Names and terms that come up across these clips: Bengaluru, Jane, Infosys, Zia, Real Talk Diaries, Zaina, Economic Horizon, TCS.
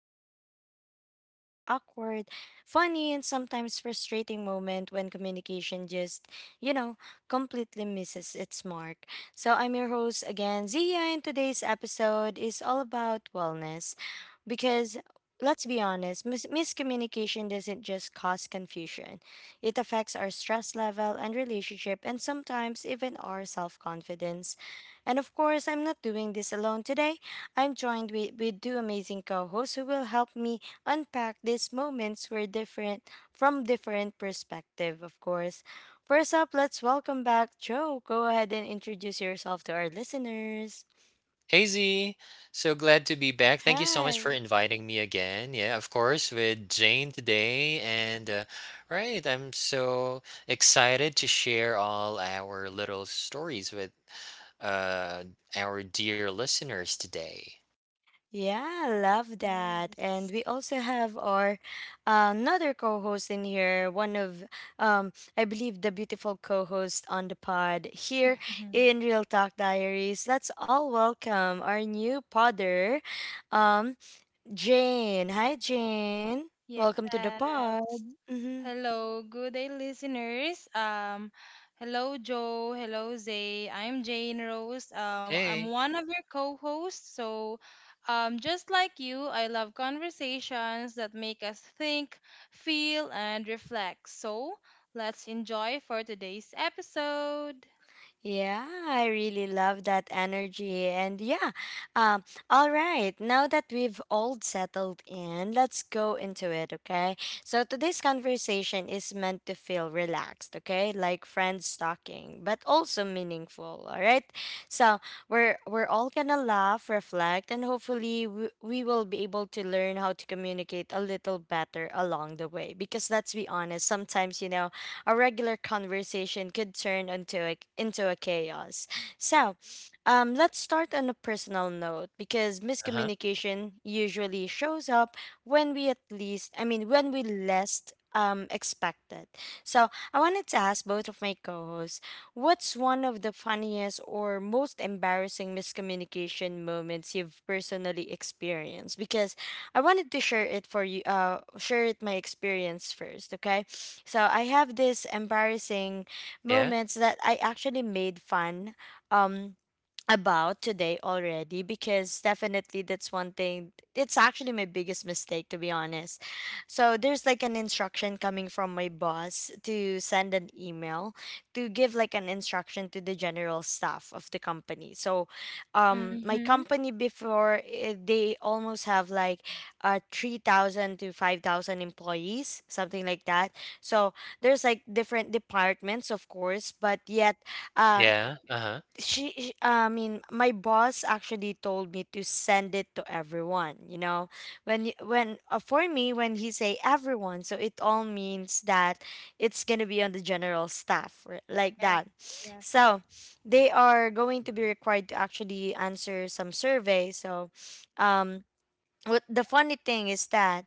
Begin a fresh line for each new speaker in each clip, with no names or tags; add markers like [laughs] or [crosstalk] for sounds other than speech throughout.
where we talk about those awkward, funny, and sometimes frustrating moments when communication just, you know, completely misses its mark. So, I'm your host again, Zia, and today's episode is all about wellness because let's be honest, miscommunication doesn't just cause confusion, it affects our stress level and relationship and sometimes even our self-confidence, and of course, I'm not doing this alone today. I'm joined with two amazing co hosts who will help me unpack these moments were different from different perspective, of course. First up, let's welcome back Joe. Go ahead and introduce yourself to our listeners.
Hey Z, so glad to be back. Thank you so much for
Hi.
inviting me again. Yeah, of course, with Jane today. And right, I'm so excited to share all our little stories with uh, our dear listeners today.
Yeah, love that. And
Yes.
we also have our another co-host in here, one of I believe the beautiful co-host on the pod here
Mhm.
in Real Talk Diaries. Let's all welcome our new podder, um Jane. Hi Jane.
Yes.
Welcome to the pod. Mm-hmm.
Hello, good day, listeners. Hello, Joe. Hello, Zay. I'm Jane Rose. I'm
Hey,
one of your co-hosts. So, just like you, I love conversations that make us think, feel, and reflect. So, let's enjoy for today's episode.
Yeah, I really love that energy. And um, all right, now that we've all settled in, let's go into it, okay? So today's conversation is meant to feel relaxed, okay? Like friends talking, but also meaningful, all right? So we're all gonna laugh, reflect, and hopefully we will be able to learn how to communicate a little better along the way. Because let's be honest, sometimes, you know, a regular conversation could turn into a chaos. So, let's start on a personal note because
uh huh.
miscommunication usually shows up when we at least, I mean, when we least expect it. So, I wanted to ask both of my co hosts what's one of the funniest or most embarrassing miscommunication moments you've personally experienced? Because I wanted to share it for you. Share it my experience first, okay? So I have this embarrassing
Yeah,
moments that I actually made fun. Um, about today already because definitely that's one thing, it's actually my biggest mistake to be honest. So there's like an instruction coming from my boss to send an email to give like an instruction to the general staff of the company. So my
Mhm.
company before they almost have like 3,000 to 5,000 employees, something like that. So there's like different departments of course but yet uh
yeah, uh huh.
I mean, my boss actually told me to send it to everyone. You know, when for me when he say everyone, so it all means that it's gonna be on the general staff like
Yes.
that.
Yes.
So they are going to be required to actually answer some survey. So, um, what the funny thing is that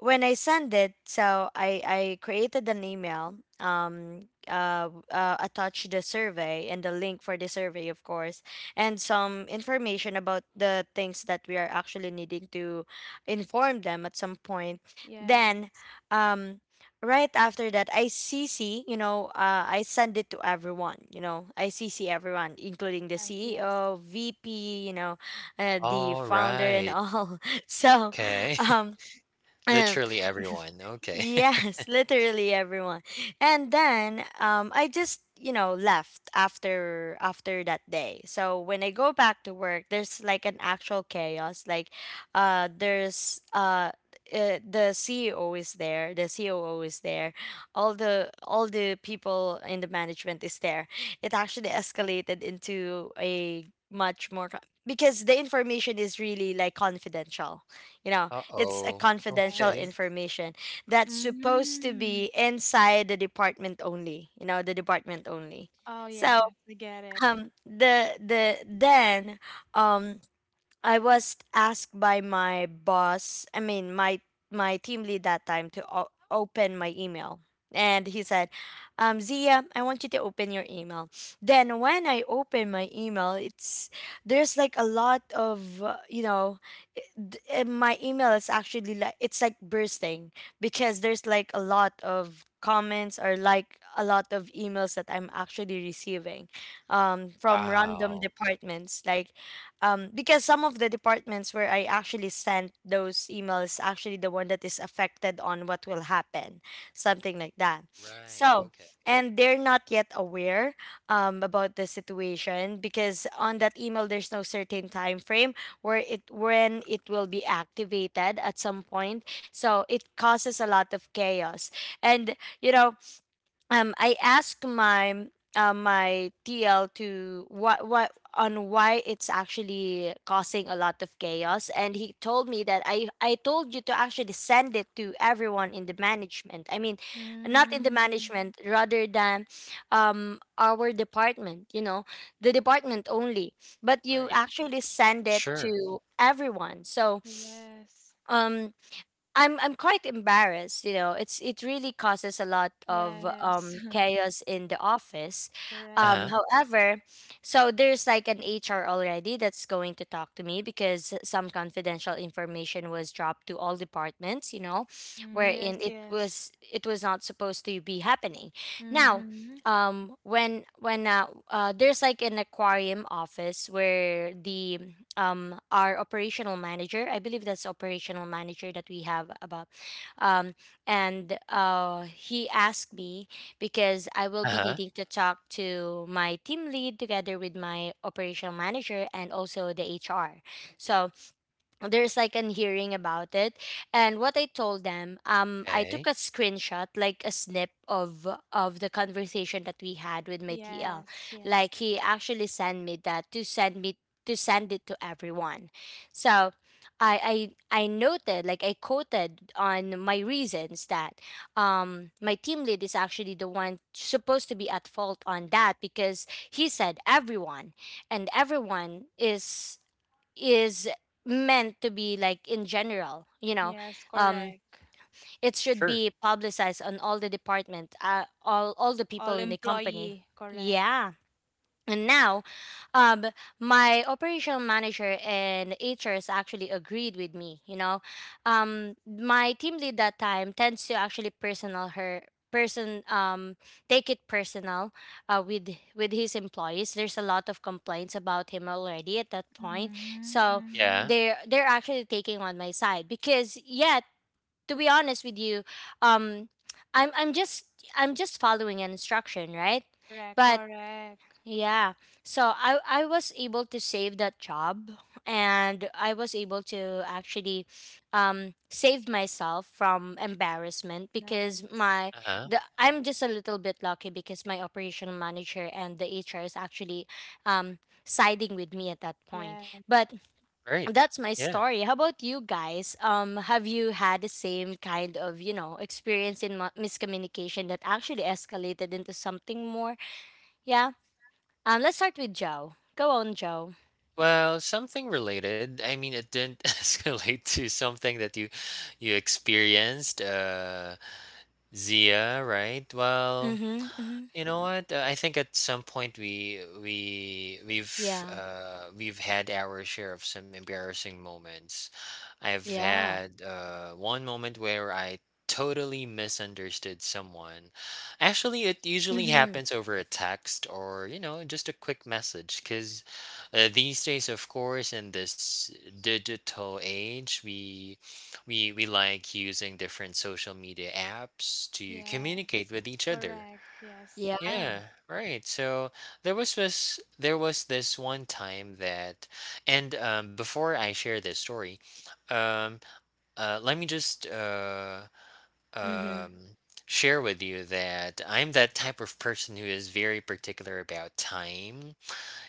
when I send it, so I created an email, attached the survey and the link for the survey, of course, and some information about the things that we are actually needing to inform them at some point. Then,
Yes.
um. Right after that, CC. I send it to everyone, you know, CC everyone, including the
Yes. Yes.
CEO, VP, you know, the
All
founder
right.
and [laughs] all, so,
Okay.
um,
[laughs]
[clears throat]
Literally everyone. Okay. [laughs]
yes, [laughs] literally everyone. And then I just you know left after that day. So when I go back to work, there's like an actual chaos. Like, uh, there's uh. The CEO is there. The COO is there. All the people in the management is there. It actually escalated into a much more because the information is really like confidential. You know,
Uh
it's a
oh.
confidential
Okay.
Yes.
information that's supposed to
Mm.
be inside the department only, you know, the department only.
Oh,
So
yes, I get it.
the then um I was asked by my boss, I mean my my team lead that time to open my email. And he said, Zia, I want you to open your email. Then when I open my email, it's there's like a lot of i- my email is actually like it's like bursting because there's like a lot of comments or like a lot of emails that I'm actually receiving from random
Wow.
departments. Like because some of the departments where I actually sent those emails actually the one that is affected on what will happen, something like that.
Right.
So,
Okay.
and they're not yet aware about the situation because on that email there's no certain time frame where it when it will be activated at some point. So it causes a lot of chaos, and you know I asked my my TL to what on why it's actually causing a lot of chaos, and he told me that I told you to actually send it to everyone in the management. I mean, not in the
Mm,
management rather than our department, you know, the department only, but you
Right.
actually send it
Sure.
to everyone. So,
yes,
um I'm quite embarrassed, you know. It's it really causes a lot of
yes, [laughs]
chaos in the office.
Uh huh.
correct.
However, so there's like an HR already that's going to talk to me because some confidential information was dropped to all departments, you know,
Mm,
wherein
yes, yes.
it was not supposed to be happening. Now,
Mm-hmm.
when there's like an aquarium office where the our operational manager. I believe that's operational manager that we have about. Um, and he asked me because I will be
Uh-huh,
needing to talk to my team lead together with my operational manager and also the HR. So there's like an hearing about it, and what I told them, I took
okay.
a screenshot like a snip of the conversation that we had with my TL,
Yes, yes,
like he actually sent me that to send it to everyone. So I noted, like I quoted on my reasons that my team lead is actually the one supposed to be at fault on that because he said everyone, and everyone is meant to be like in general, you know,
yes,
um
correct.
it should
Sure.
be publicized on all the department, all the people
All
in the company.
employee, correct.
Yeah. And now, um, my operational manager and HRs actually agreed with me. You know, my team lead that time tends to actually personal her person take it personal uh, with with his employees, there's a lot of complaints about him already at that point.
Mm-hmm,
So
Yeah.
mm-hmm.
they're actually taking on my side because yeah, to be honest with you, um i'm i'm just I'm just following an instruction, right?
Correct,
But
correct.
yeah. So I was able to save that job, and I was able to actually save myself from embarrassment because
Nice.
my
Uh-huh.
the I'm just a little bit lucky because my operational manager and the HR is actually um siding with me at that point.
Yes,
But
Right.
that's my
Yeah.
story. How about you guys? Have you had the same kind of, you know, experience in miscommunication that actually escalated into something more? Yeah let's start with Joe. Go on, Joe.
Well, something related. I mean, it didn't [laughs] escalate to something that you experienced, Zia, right? Well,
Mm-hmm. Mm-hmm.
you know what? I think at some point we we we've
Yeah.
uh, we've had our share of some embarrassing moments. I've
Yeah.
had one moment where I totally misunderstood someone. Actually, it usually
Mm-hmm.
happens over a text or you know just a quick message. Because these days, of course, in this digital age, we like using different social media apps to communicate
yes,
with each other.
correct. Yes,
Yeah.
Yeah, right. So there was this one time that and before I share this story, um let me just
Mm-hmm.
um share with you that I'm that type of person who is very particular about time.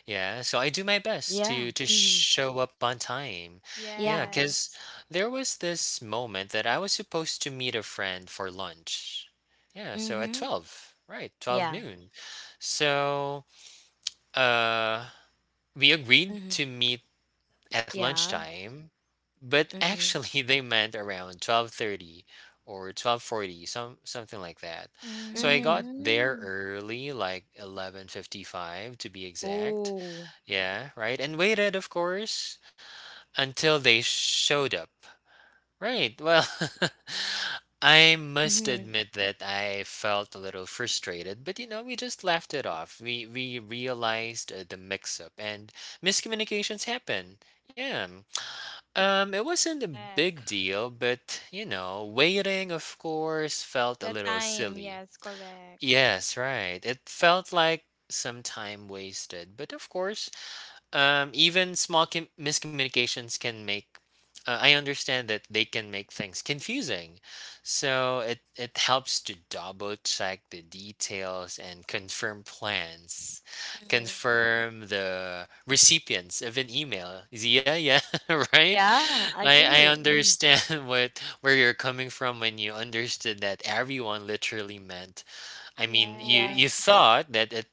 Yeah, so I do my best
Yeah.
to
Mm-hmm.
show up on time. Yeah,
Yeah.
'cause
yes.
there was this moment that I was supposed to meet a friend for lunch. Yeah, so at
Mm-hmm.
12, right, 12
Yeah.
noon. So, uh we agreed
Mm-hmm.
to meet at
Yeah.
lunchtime, but
Mm-hmm.
actually [laughs] they meant around 12:30 or 12:40, something like that. So I
Mm-hmm.
got there
Mm-hmm.
early, like 11:55 to be exact.
Ooh.
Yeah, right. And waited, of course, until they showed up. Right. Well, [laughs] I must
Mm-hmm.
admit that I felt a little frustrated, but you know, we just laughed it off. We realized the mix-up and miscommunications happen. Yeah. It wasn't a big
Correct.
deal, but you know, waiting, of course, felt a
The
little
time,
silly.
yes, correct.
Yes, right. It felt like some time wasted, but of course, even small miscommunications can make I understand that they can make things confusing, so it helps to double check the details and confirm plans,
Mm-hmm.
confirm the recipients of an email, Zia. Yeah, [laughs] right.
Yeah, I
I
agree. Mhm.
understand [laughs] what, where you're coming from when you understood that everyone literally meant, I mean you
Yeah.
you
Yes.
thought that it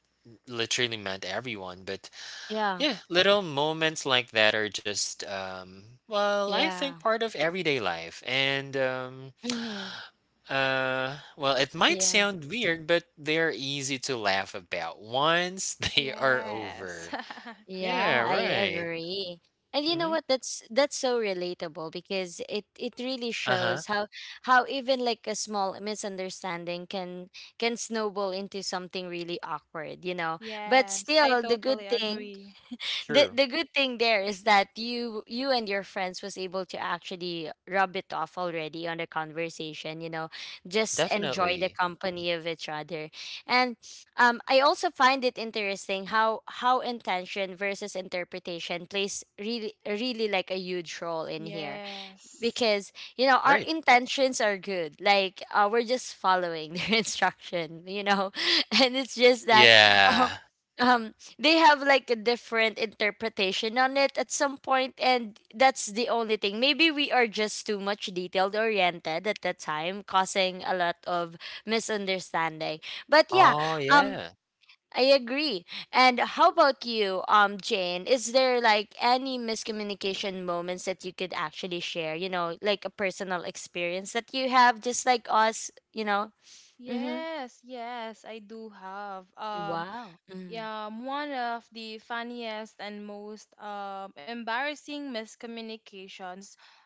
literally meant everyone. But
Yeah.
yeah, little moments like that are just well, I think
Yeah.
part of everyday life. And um
Mm-hmm.
uh well, it might
Yeah.
sound weird, but they're easy to laugh about once [laughs] they are
Yes.
over.
[laughs]
Yeah,
Yeah, I
right.
agree. And you know
Mhm.
what? That's so relatable because it really
Uh-huh.
shows how even like a small misunderstanding can snowball into something really awkward, you know. But
Yes, I
still, the good
totally
thing,
agree.
True.
the good thing there is that you and your friends was able to actually rub it off already on the conversation, you know, just enjoy the
Definitely.
company of each other. And I also find it interesting how intention versus interpretation plays really really like a huge role in here
Yes.
because you know our
Right.
intentions are good, like we're just following their [laughs] instruction, you know [laughs] and it's just that uh,
Yeah.
um they have like a different interpretation on it at some point, and that's the only thing. Maybe we are just too much detailed oriented at that time causing a lot of misunderstanding. But yeah,
Oh,
um
yeah.
I agree. And how about you, Jane? Is there like any miscommunication moments that you could actually share? You know, like a personal experience that you have, just like us. You know. Mm-hmm.
Yes, yes, I do have.
Wow. Mm-hmm.
Yeah, one of the funniest and most embarrassing miscommunications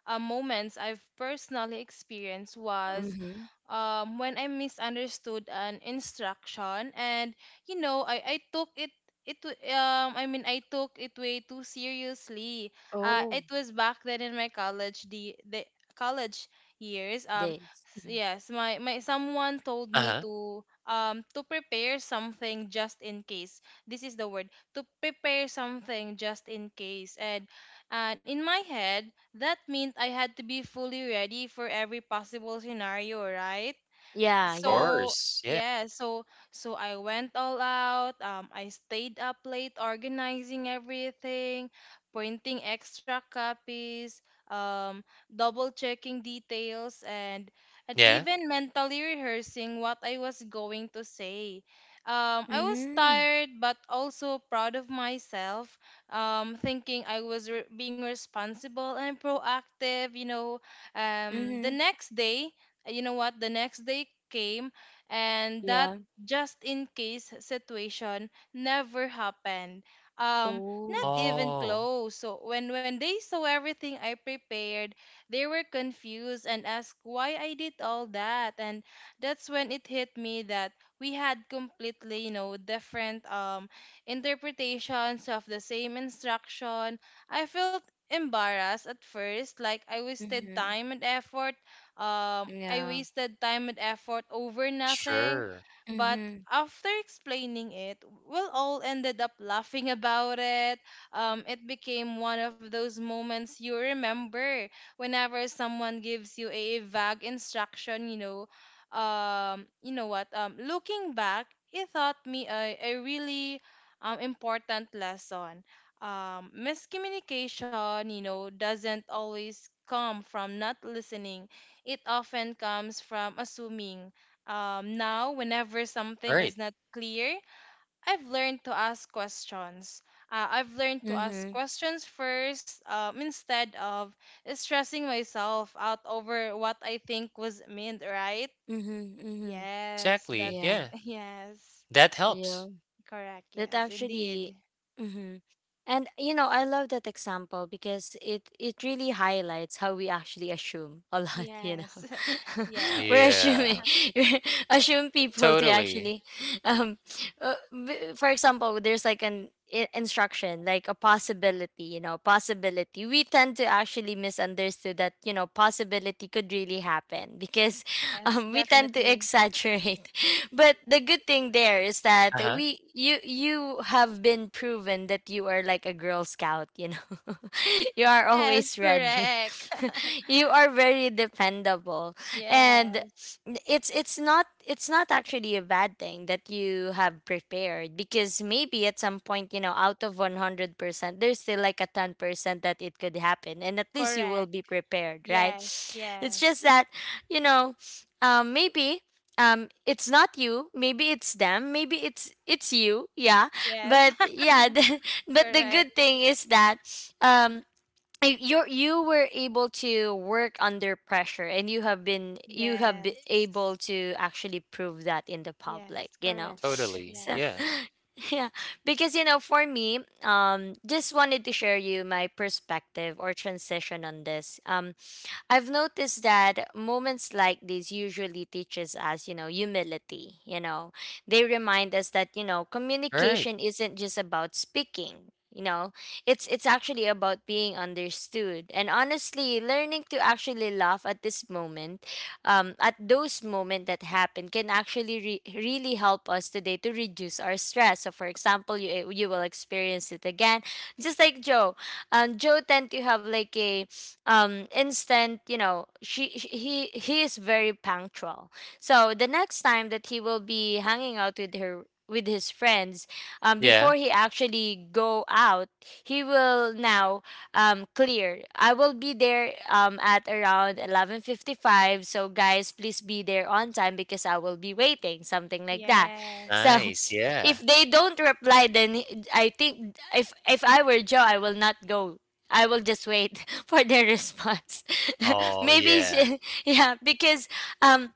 moments I've personally experienced was
Mm-hmm.
when I misunderstood an instruction, and you know, I took it. I took it way too seriously. It
Oh,
was back then in my college the college years.
days.
Yes, my someone told me
Uh-huh.
to prepare something just in case, this is the word, to prepare something just in case. And in my head that meant I had to be fully ready for every possible scenario, right?
Yeah.
Of
Yeah.
so
course. Yeah.
yeah so so I went all out. I stayed up late organizing everything, printing extra copies, um, double checking details, and
Yeah.
even mentally rehearsing what I was going to say. I was
Mm-hmm.
tired but also proud of myself, thinking being responsible and proactive, you know. The
Mm-hmm.
next day, you know what, the next day came, and that
Yeah.
just in case situation never happened, um not
Oh.
even
Oh,
close. So when they saw everything I prepared, they were confused and asked why I did all that. And that's when it hit me that we had completely, you know, different interpretations of the same instruction. I felt embarrassed at first, like I wasted
Mm-hmm.
time and effort. um, I
Yeah.
wasted time and effort over nothing.
sure.
But
Mm-hmm.
after explaining it, we all ended up laughing about it. It became one of those moments you remember whenever someone gives you a vague instruction, you know what? Looking back, it taught me a really important lesson. Miscommunication, you know, doesn't always come from not listening, it often comes from assuming. Now, whenever something
Right.
is not clear, I've learned to ask questions. I've learned to ask
Mm-hmm.
questions first, instead of stressing myself out over what I think was meant, right?
Mm-hmm. Mm-hmm.
Yes,
Exactly.
that's
Yeah.
Yeah.
[laughs] yes,
That
Yeah.
helps.
correct.
That
Yes,
actually
indeed.
mhm. And you know, I love that example because it really highlights how we actually assume a lot. [laughs] You
Yes,
know,
[laughs]
[laughs]
yes,
we're
Yeah.
assuming, [laughs] we assume people to
Totally.
actually um for example, there's like an instruction like a possibility, you know, possibility. We tend to actually misunderstood that, you know, possibility could really happen because [laughs]
yes,
we tend to
definitely.
exaggerate. But the good thing there is that
Uh-huh.
we you you have been proven that you are like a girl scout, you know. [laughs] You are
Yes,
always ready.
correct. [laughs]
[laughs] You are very dependable, and
yes,
it's not actually a bad thing that you have prepared because maybe at some point, you know, out of 100%, there's still like a 10% that it could happen, and at least you will
correct.
be prepared, right?
Yes,
It's just
yes.
that, you know, maybe, it's not you, maybe it's them, maybe it's you, yeah.
Yes,
But
[laughs]
yeah, [laughs] but the
correct.
good thing is that um you were able to work under pressure, and you have been able
Yes.
to actually prove that in the public,
Yes,
you know.
correct.
Totally.
So
Yeah.
Yes.
[laughs] yeah, because you know, for me, just wanted to share you my perspective or transition on this. I've noticed that moments like these usually teaches us, you know, humility, you know. They remind us that, you know,
All right.
communication isn't just about speaking, you know. It's actually about being understood. And honestly, learning to actually laugh at this moment, at those moments that happen can actually really help us today to reduce our stress. So for example, you will experience it again. Just like Joe. Joe tend to have like a instant, you know. She, she he he is very punctual, so the next time that he will be hanging out with her with his friends,
Yeah.
before he actually go out, he will now clear, I will be there at around 11:55, so guys, please be there on time because I will be waiting, something like that.
Yes.
So
Nice.
[laughs]
Yeah.
if they don't reply, then I think if I were Joe, I will not go. I will just wait [laughs] for their response. [laughs]
Oh,
Maybe,
yeah.
[laughs] yeah, because um,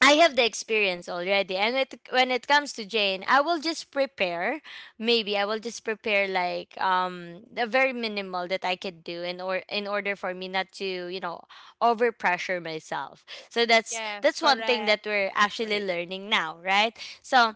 I have the experience already. And it, when it comes to Jane, I will just prepare. Maybe I will just prepare like the very minimal that I could do in or in order for me not to, you know, over pressure myself. So that's
Yes,
that's one thing that
correct.
we're actually
Right.
learning now, right? So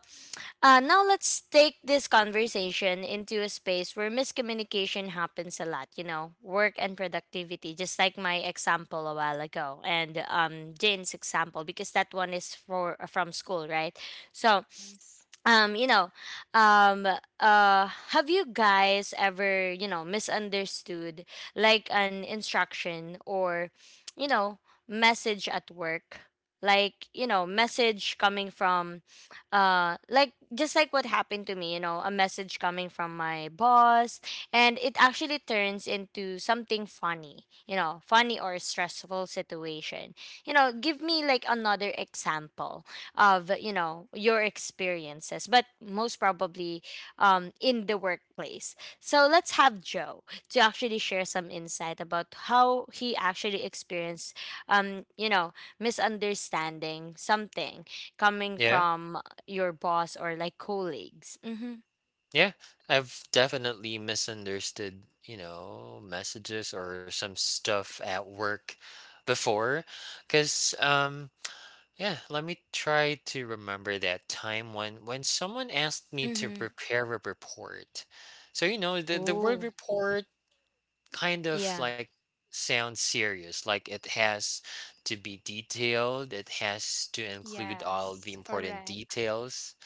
now let's take this conversation into a space where miscommunication happens a lot, you know, work and productivity, just like my example a while ago, and Jane's example, because that one is for from school, right? So
Yes.
um you know um uh have you guys ever, you know, misunderstood like an instruction or, you know, message at work, like, you know, message coming from like just like what happened to me, you know, a message coming from my boss, and it actually turns into something funny, you know, funny or stressful situation. You know, give me like another example of, you know, your experiences, but most probably in the workplace. So let's have Joe to actually share some insight about how he actually experienced you know, misunderstanding something coming
Yeah.
from your boss or like colleagues. Mm-hmm,
Yeah. I've definitely misunderstood, you know, messages or some stuff at work before, cuz yeah, let me try to remember that time when someone asked me to
mm-hmm.
prepare a report. So, you know, the word
Oh.
report kind of
Yeah.
like sounds serious, like it has to be detailed, it has to include all the
Yes,
important
correct.
details,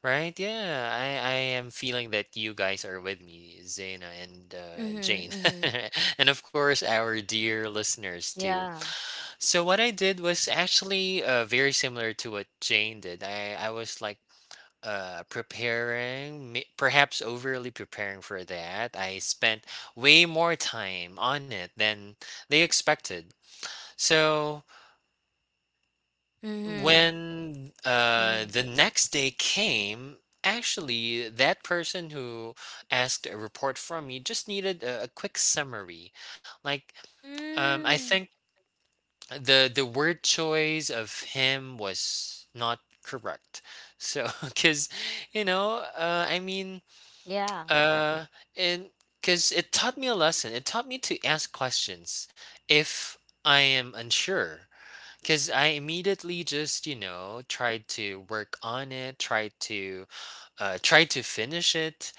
right? Yeah, I am feeling that you guys are with me, Zaina, and Jane,
Mm-hmm, mm-hmm.
[laughs] and of course our dear listeners too.
Yeah.
So what I did was actually very similar to what Jane did. I was like preparing, perhaps overly preparing for that. I spent way more time on it than they expected. So
Mm-hmm,
when
mm-hmm.
the next day came, actually that person who asked a report from me just needed a quick summary, like I
Mm,
think the word choice of him was not correct. So [laughs] because you know I mean,
Yeah.
Uh, and because it taught me a lesson, it taught me to ask questions if I am unsure. Because I immediately just, you know, tried to work on it, tried to, tried to finish it,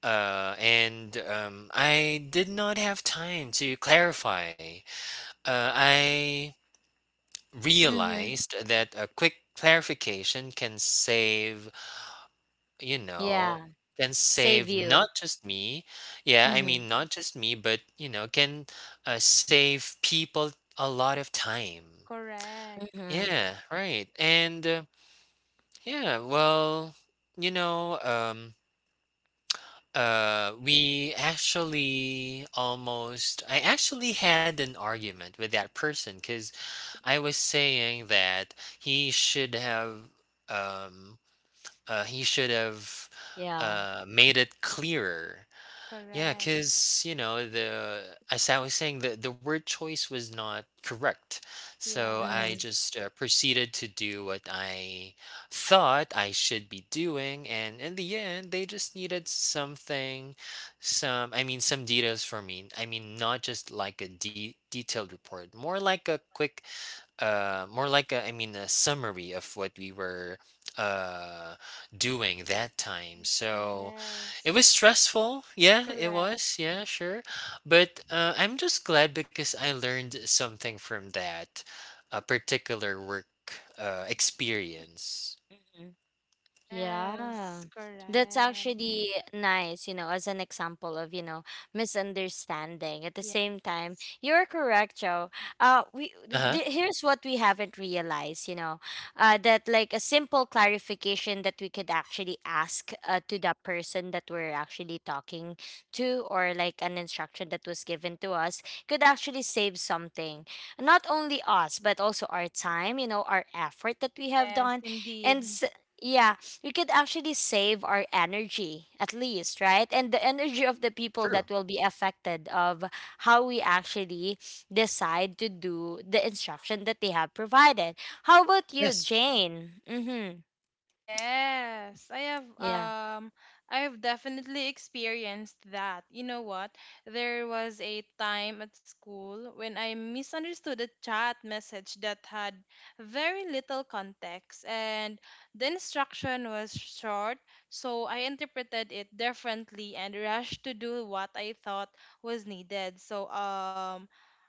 and I did not have time to clarify. I
Mm-hmm.
realized that a quick clarification can save, you know,
Yeah.
can
Save
save not
you.
just me, yeah, I
Mm-hmm,
mean, not just me, but, you know, can save people a lot of time.
correct.
mm-hmm.
Yeah, right. And yeah, well, you know, we actually almost, I actually had an argument with that person because I was saying that he should have, um, he should have
Yeah.
made it clearer. Yeah,
Correct.
because you know the, as I was saying, the word choice was not correct, so I
Mm-hmm.
Yes.
just proceeded to do what I thought I should be doing, and in the end, they just needed something, some, I mean some details from me. I mean not just like a detailed report, more like a quick more like a, I mean a summary of what we were uh doing that time. So it
Yes.
was stressful, yeah, it
Correct.
was, yeah, sure. But I'm just glad because I learned something from that particular work experience.
Mhm. Yeah,
Yes,
that's
correct.
actually nice, you know, as an example of, you know, misunderstanding. At the same time, you're correct, Joe.
Uh-huh.
Here's what we haven't realized, you know, that like a simple clarification that we could actually ask to the person that we're actually talking to, or like an instruction that was given to us, could actually save something. Not only us, but also our time, you know, our effort that we have
Yes,
done,
indeed.
and yeah, we could actually save our energy at least, right? And the energy of the people
True.
that will be affected of how we actually decide to do the instruction that they have provided. How about you,
Yes.
Jane? Mm-hmm.
Yes,
Yeah.
I have definitely experienced that. You know what? There was a time at school when I misunderstood a chat message that had very little context and the instruction was short, so I interpreted it differently and rushed to do what I thought was needed. So um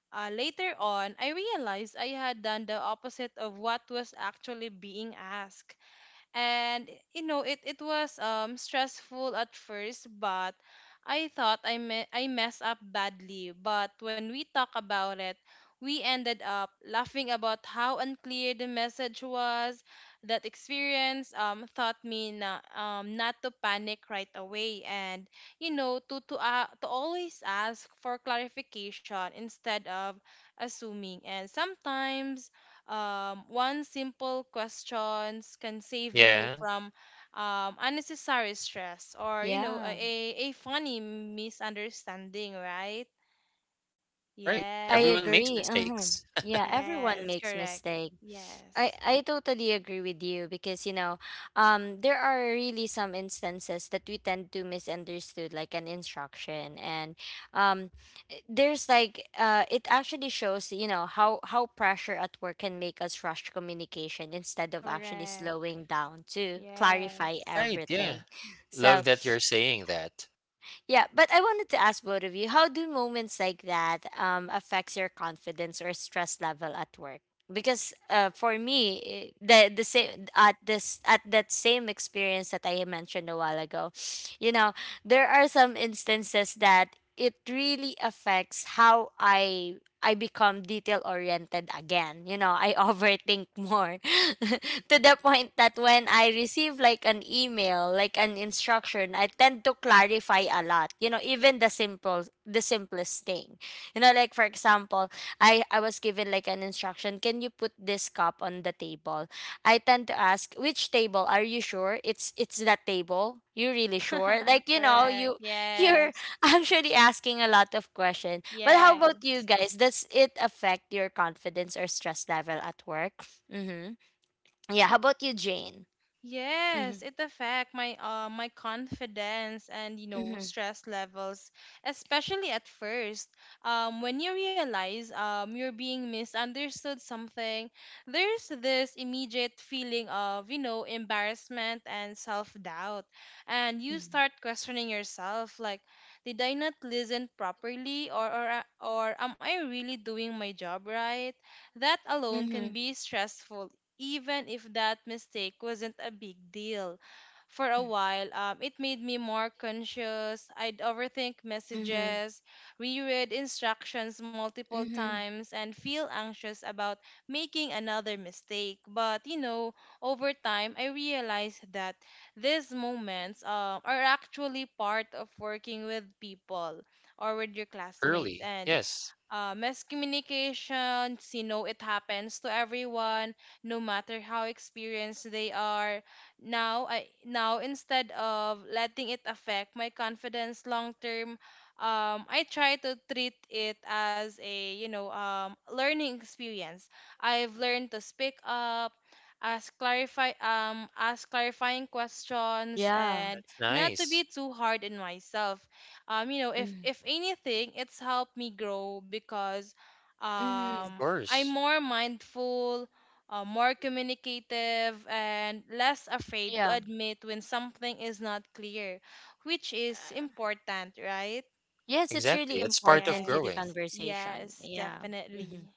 uh, later on, I realized I had done the opposite of what was actually being asked. And you know, it was stressful at first, but I thought I me- I messed up badly. But when we talk about it, we ended up laughing about how unclear the message was. That experience taught me not to panic right away, and you know, to always ask for clarification instead of assuming. And sometimes one simple questions can save you
Yeah.
from unnecessary stress, or you know, a,
Yeah,
a a funny misunderstanding, right?
Yes, right,
I
everyone
Yes.
makes
agree. Uh-huh.
mistakes.
Yeah, everyone
Yes,
makes
correct.
mistake. I
Yes,
I totally agree with you because you know, there are really some instances that we tend to misunderstood like an instruction, and um, there's like it actually shows, you know, how pressure at work can make us rush communication instead of actually
correct.
slowing down to
[laughs]
clarify
Yes,
All right. Yeah,
everything. So
love that you're saying that
yeah, but I wanted to ask both of you, how do moments like that affects your confidence or stress level at work? Because for me, the same at this at that same experience that I mentioned a while ago, [sniffs] you know, there are some instances that it really affects how I become detail oriented again. You know, I [laughs] overthink more [laughs] to the point that when I receive like an email, like an instruction, I tend to clarify a lot. You know, even the simplest thing. You know, like for example, I was given like an instruction, can you put this cup on the table? I tend to ask, which table? Are you sure it's that table? You really sure?
[laughs]
Like, you know,
correct.
you, you're
Yes.
[laughs] actually asking a lot of questions. But how
Yes.
about you guys? Does it affect your confidence or stress level at work? Mm-hmm. Yeah. How about you, Jane?
Yes,
Mm-hmm.
it affect my my confidence and you know
Mm-hmm.
stress levels, especially at first. When you realize you're being misunderstood something, there's this immediate feeling of, you know, embarrassment and self doubt, and you start questioning yourself like, did I not listen properly, or or am I really doing my job right? That alone can
Mm-hmm.
be stressful, even if that mistake wasn't a big deal. For a while, it made me more conscious. I'd overthink
Mm-hmm.
messages, reread instructions multiple
Mm-hmm.
times, and feel anxious about making another mistake. But, you know, over time, I realized that these moments, are actually part of working with people or with your classmates.
early.
And
Yes.
miscommunications, you know, it happens to everyone, no matter how experienced they are. Now instead of letting it affect my confidence long term, I try to treat it as a, you know, learning experience. I've learned to speak up, ask clarifying questions,
Yeah.
and
That's
not to be
nice.
too hard on myself. You know,
Mm-hmm.
if anything, it's helped me grow, because
Mm-hmm.
I'm
Course.
more mindful, more communicative, and less afraid to
Yeah.
admit when something is not clear, which is
Uh,
important, right?
yes, it's really
Exactly. It's part of
important to the
growing.
Yes,
conversation.
yes,
Yeah.
definitely.
Mm-hmm.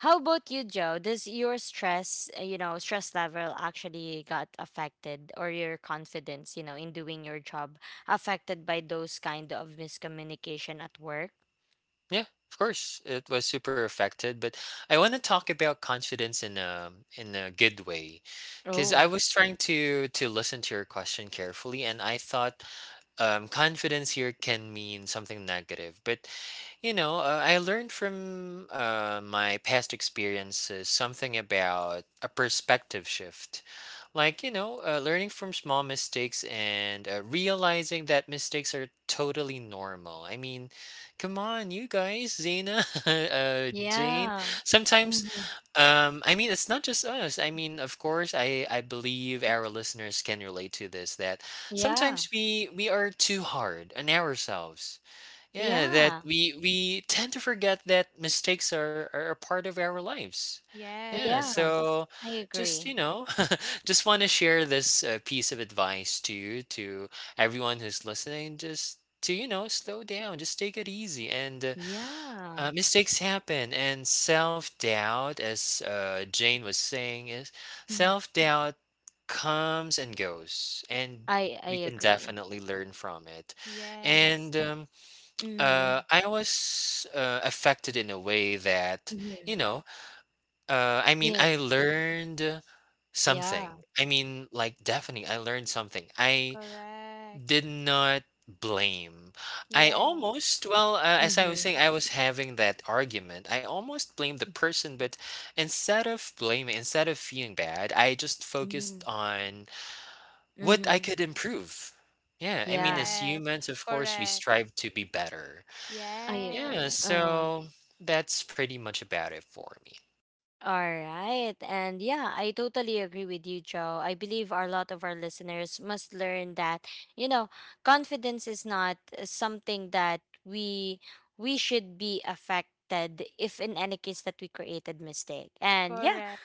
How about you, Joe? Does your stress, you know, stress level actually got affected, or your confidence, you know, in doing your job affected by those kind of miscommunication at work?
Yeah, of course. It was super affected, but I want to talk about confidence in a good way, because I
Oh,
was trying to listen to your question carefully, and I thought confidence here can mean something negative. But you know, I learned from my past experiences something about a perspective shift. Like, you know, learning from small mistakes and realizing that mistakes are totally normal. I mean, come on, you guys, Zena, [laughs] Jane.
yeah.
Sometimes,
Hmm.
I mean, it's not just us. I mean, of course, I believe our listeners can relate to this, that
Yeah.
sometimes we are too hard on ourselves, yeah, that
Yeah.
we tend to forget that mistakes are a part of our lives. Yeah,
Yes,
Yeah,
so
I
just
agree.
you know, [laughs] just want to share this piece of advice to you, to everyone who's listening. Just to you know, slow down, just take it easy, and
Yeah.
mistakes happen. And self doubt, as Jane was saying, is,
Mhm.
self doubt comes and goes, and
I
we can
agree.
definitely learn from it.
yes,
And
Mm-hmm.
I was affected in a way that,
Mm-hmm.
you know, I mean,
Yeah.
I learned
Yeah.
something. I mean, like, definitely, I learned something. I
correct.
did not blame. I almost,
Yes,
well, as I was
Mm-hmm.
saying, I was having that argument. I almost blamed the person, but instead of blaming, instead of feeling bad, I just
Mm-hmm.
focused on what I
Mm-hmm.
could improve. Yeah, I mean,
Yeah.
as
correct,
humans, of course, we
correct.
strive to be better.
I
Yeah,
agree.
Yes,
Uh-huh.
so that's pretty much about it for me.
All right. And yeah, I totally agree with you, Joe. I believe a lot of our listeners must learn that, you know, confidence is not something that we should be affected if in any case that we created mistake. And yeah,
correct.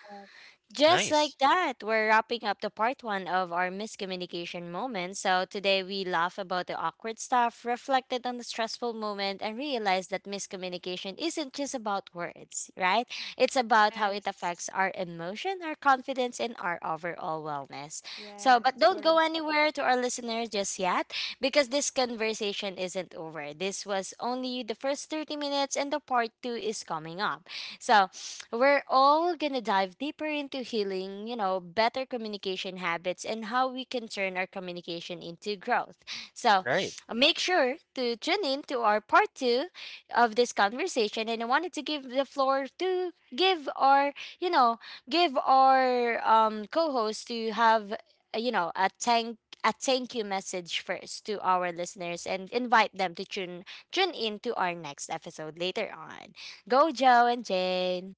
just
Nice.
like that, we're wrapping up the part one of our miscommunication moment. So today we laugh about the awkward stuff, reflected on the stressful moment, and realized that miscommunication isn't just about words, right? It's about how it
Yes,
affects our emotion, our confidence, and our overall wellness. So,
yes,
but don't go anywhere to our listeners just yet because this conversation isn't over. This was only the first 30 minutes, and the part two is coming up. So, we're all gonna dive deeper into healing, you know, better communication habits, and how we can turn our communication into growth. So
Right.
make sure to tune in to our part two of this conversation. And I wanted to give the floor to give our, you know, give our co host to have, you know, a thank you message first to our listeners and invite them to tune in to our next episode later on. Go Joe and Jane.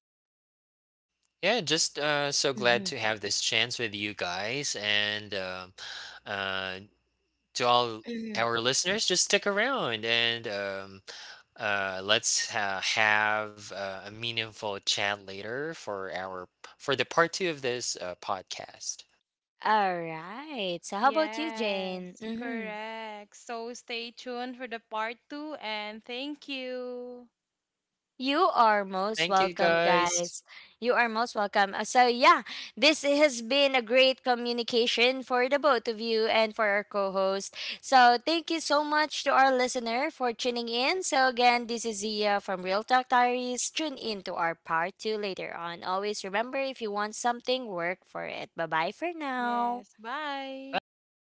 Yeah, just so glad
Mhm,
to have this chance with you guys. And uh, to all
mhm.
our listeners, just stick around and let's have a meaningful chat later for our, for the part two of this podcast.
All right. So how about you,
yes,
Jane? Mm-hmm.
correct. So stay tuned for the part two and thank you.
You are most
Thank you
welcome,
guys.
guys. You are most welcome. So yeah, this has been a great communication for the both of you and for our co-host. So thank you so much to our listener for tuning in. So again, this is Zia from Real Talk Diaries. Tune in to our part two later on. Always remember, if you want something, work for it. Bye bye for now.
Yes. Bye.
Bye.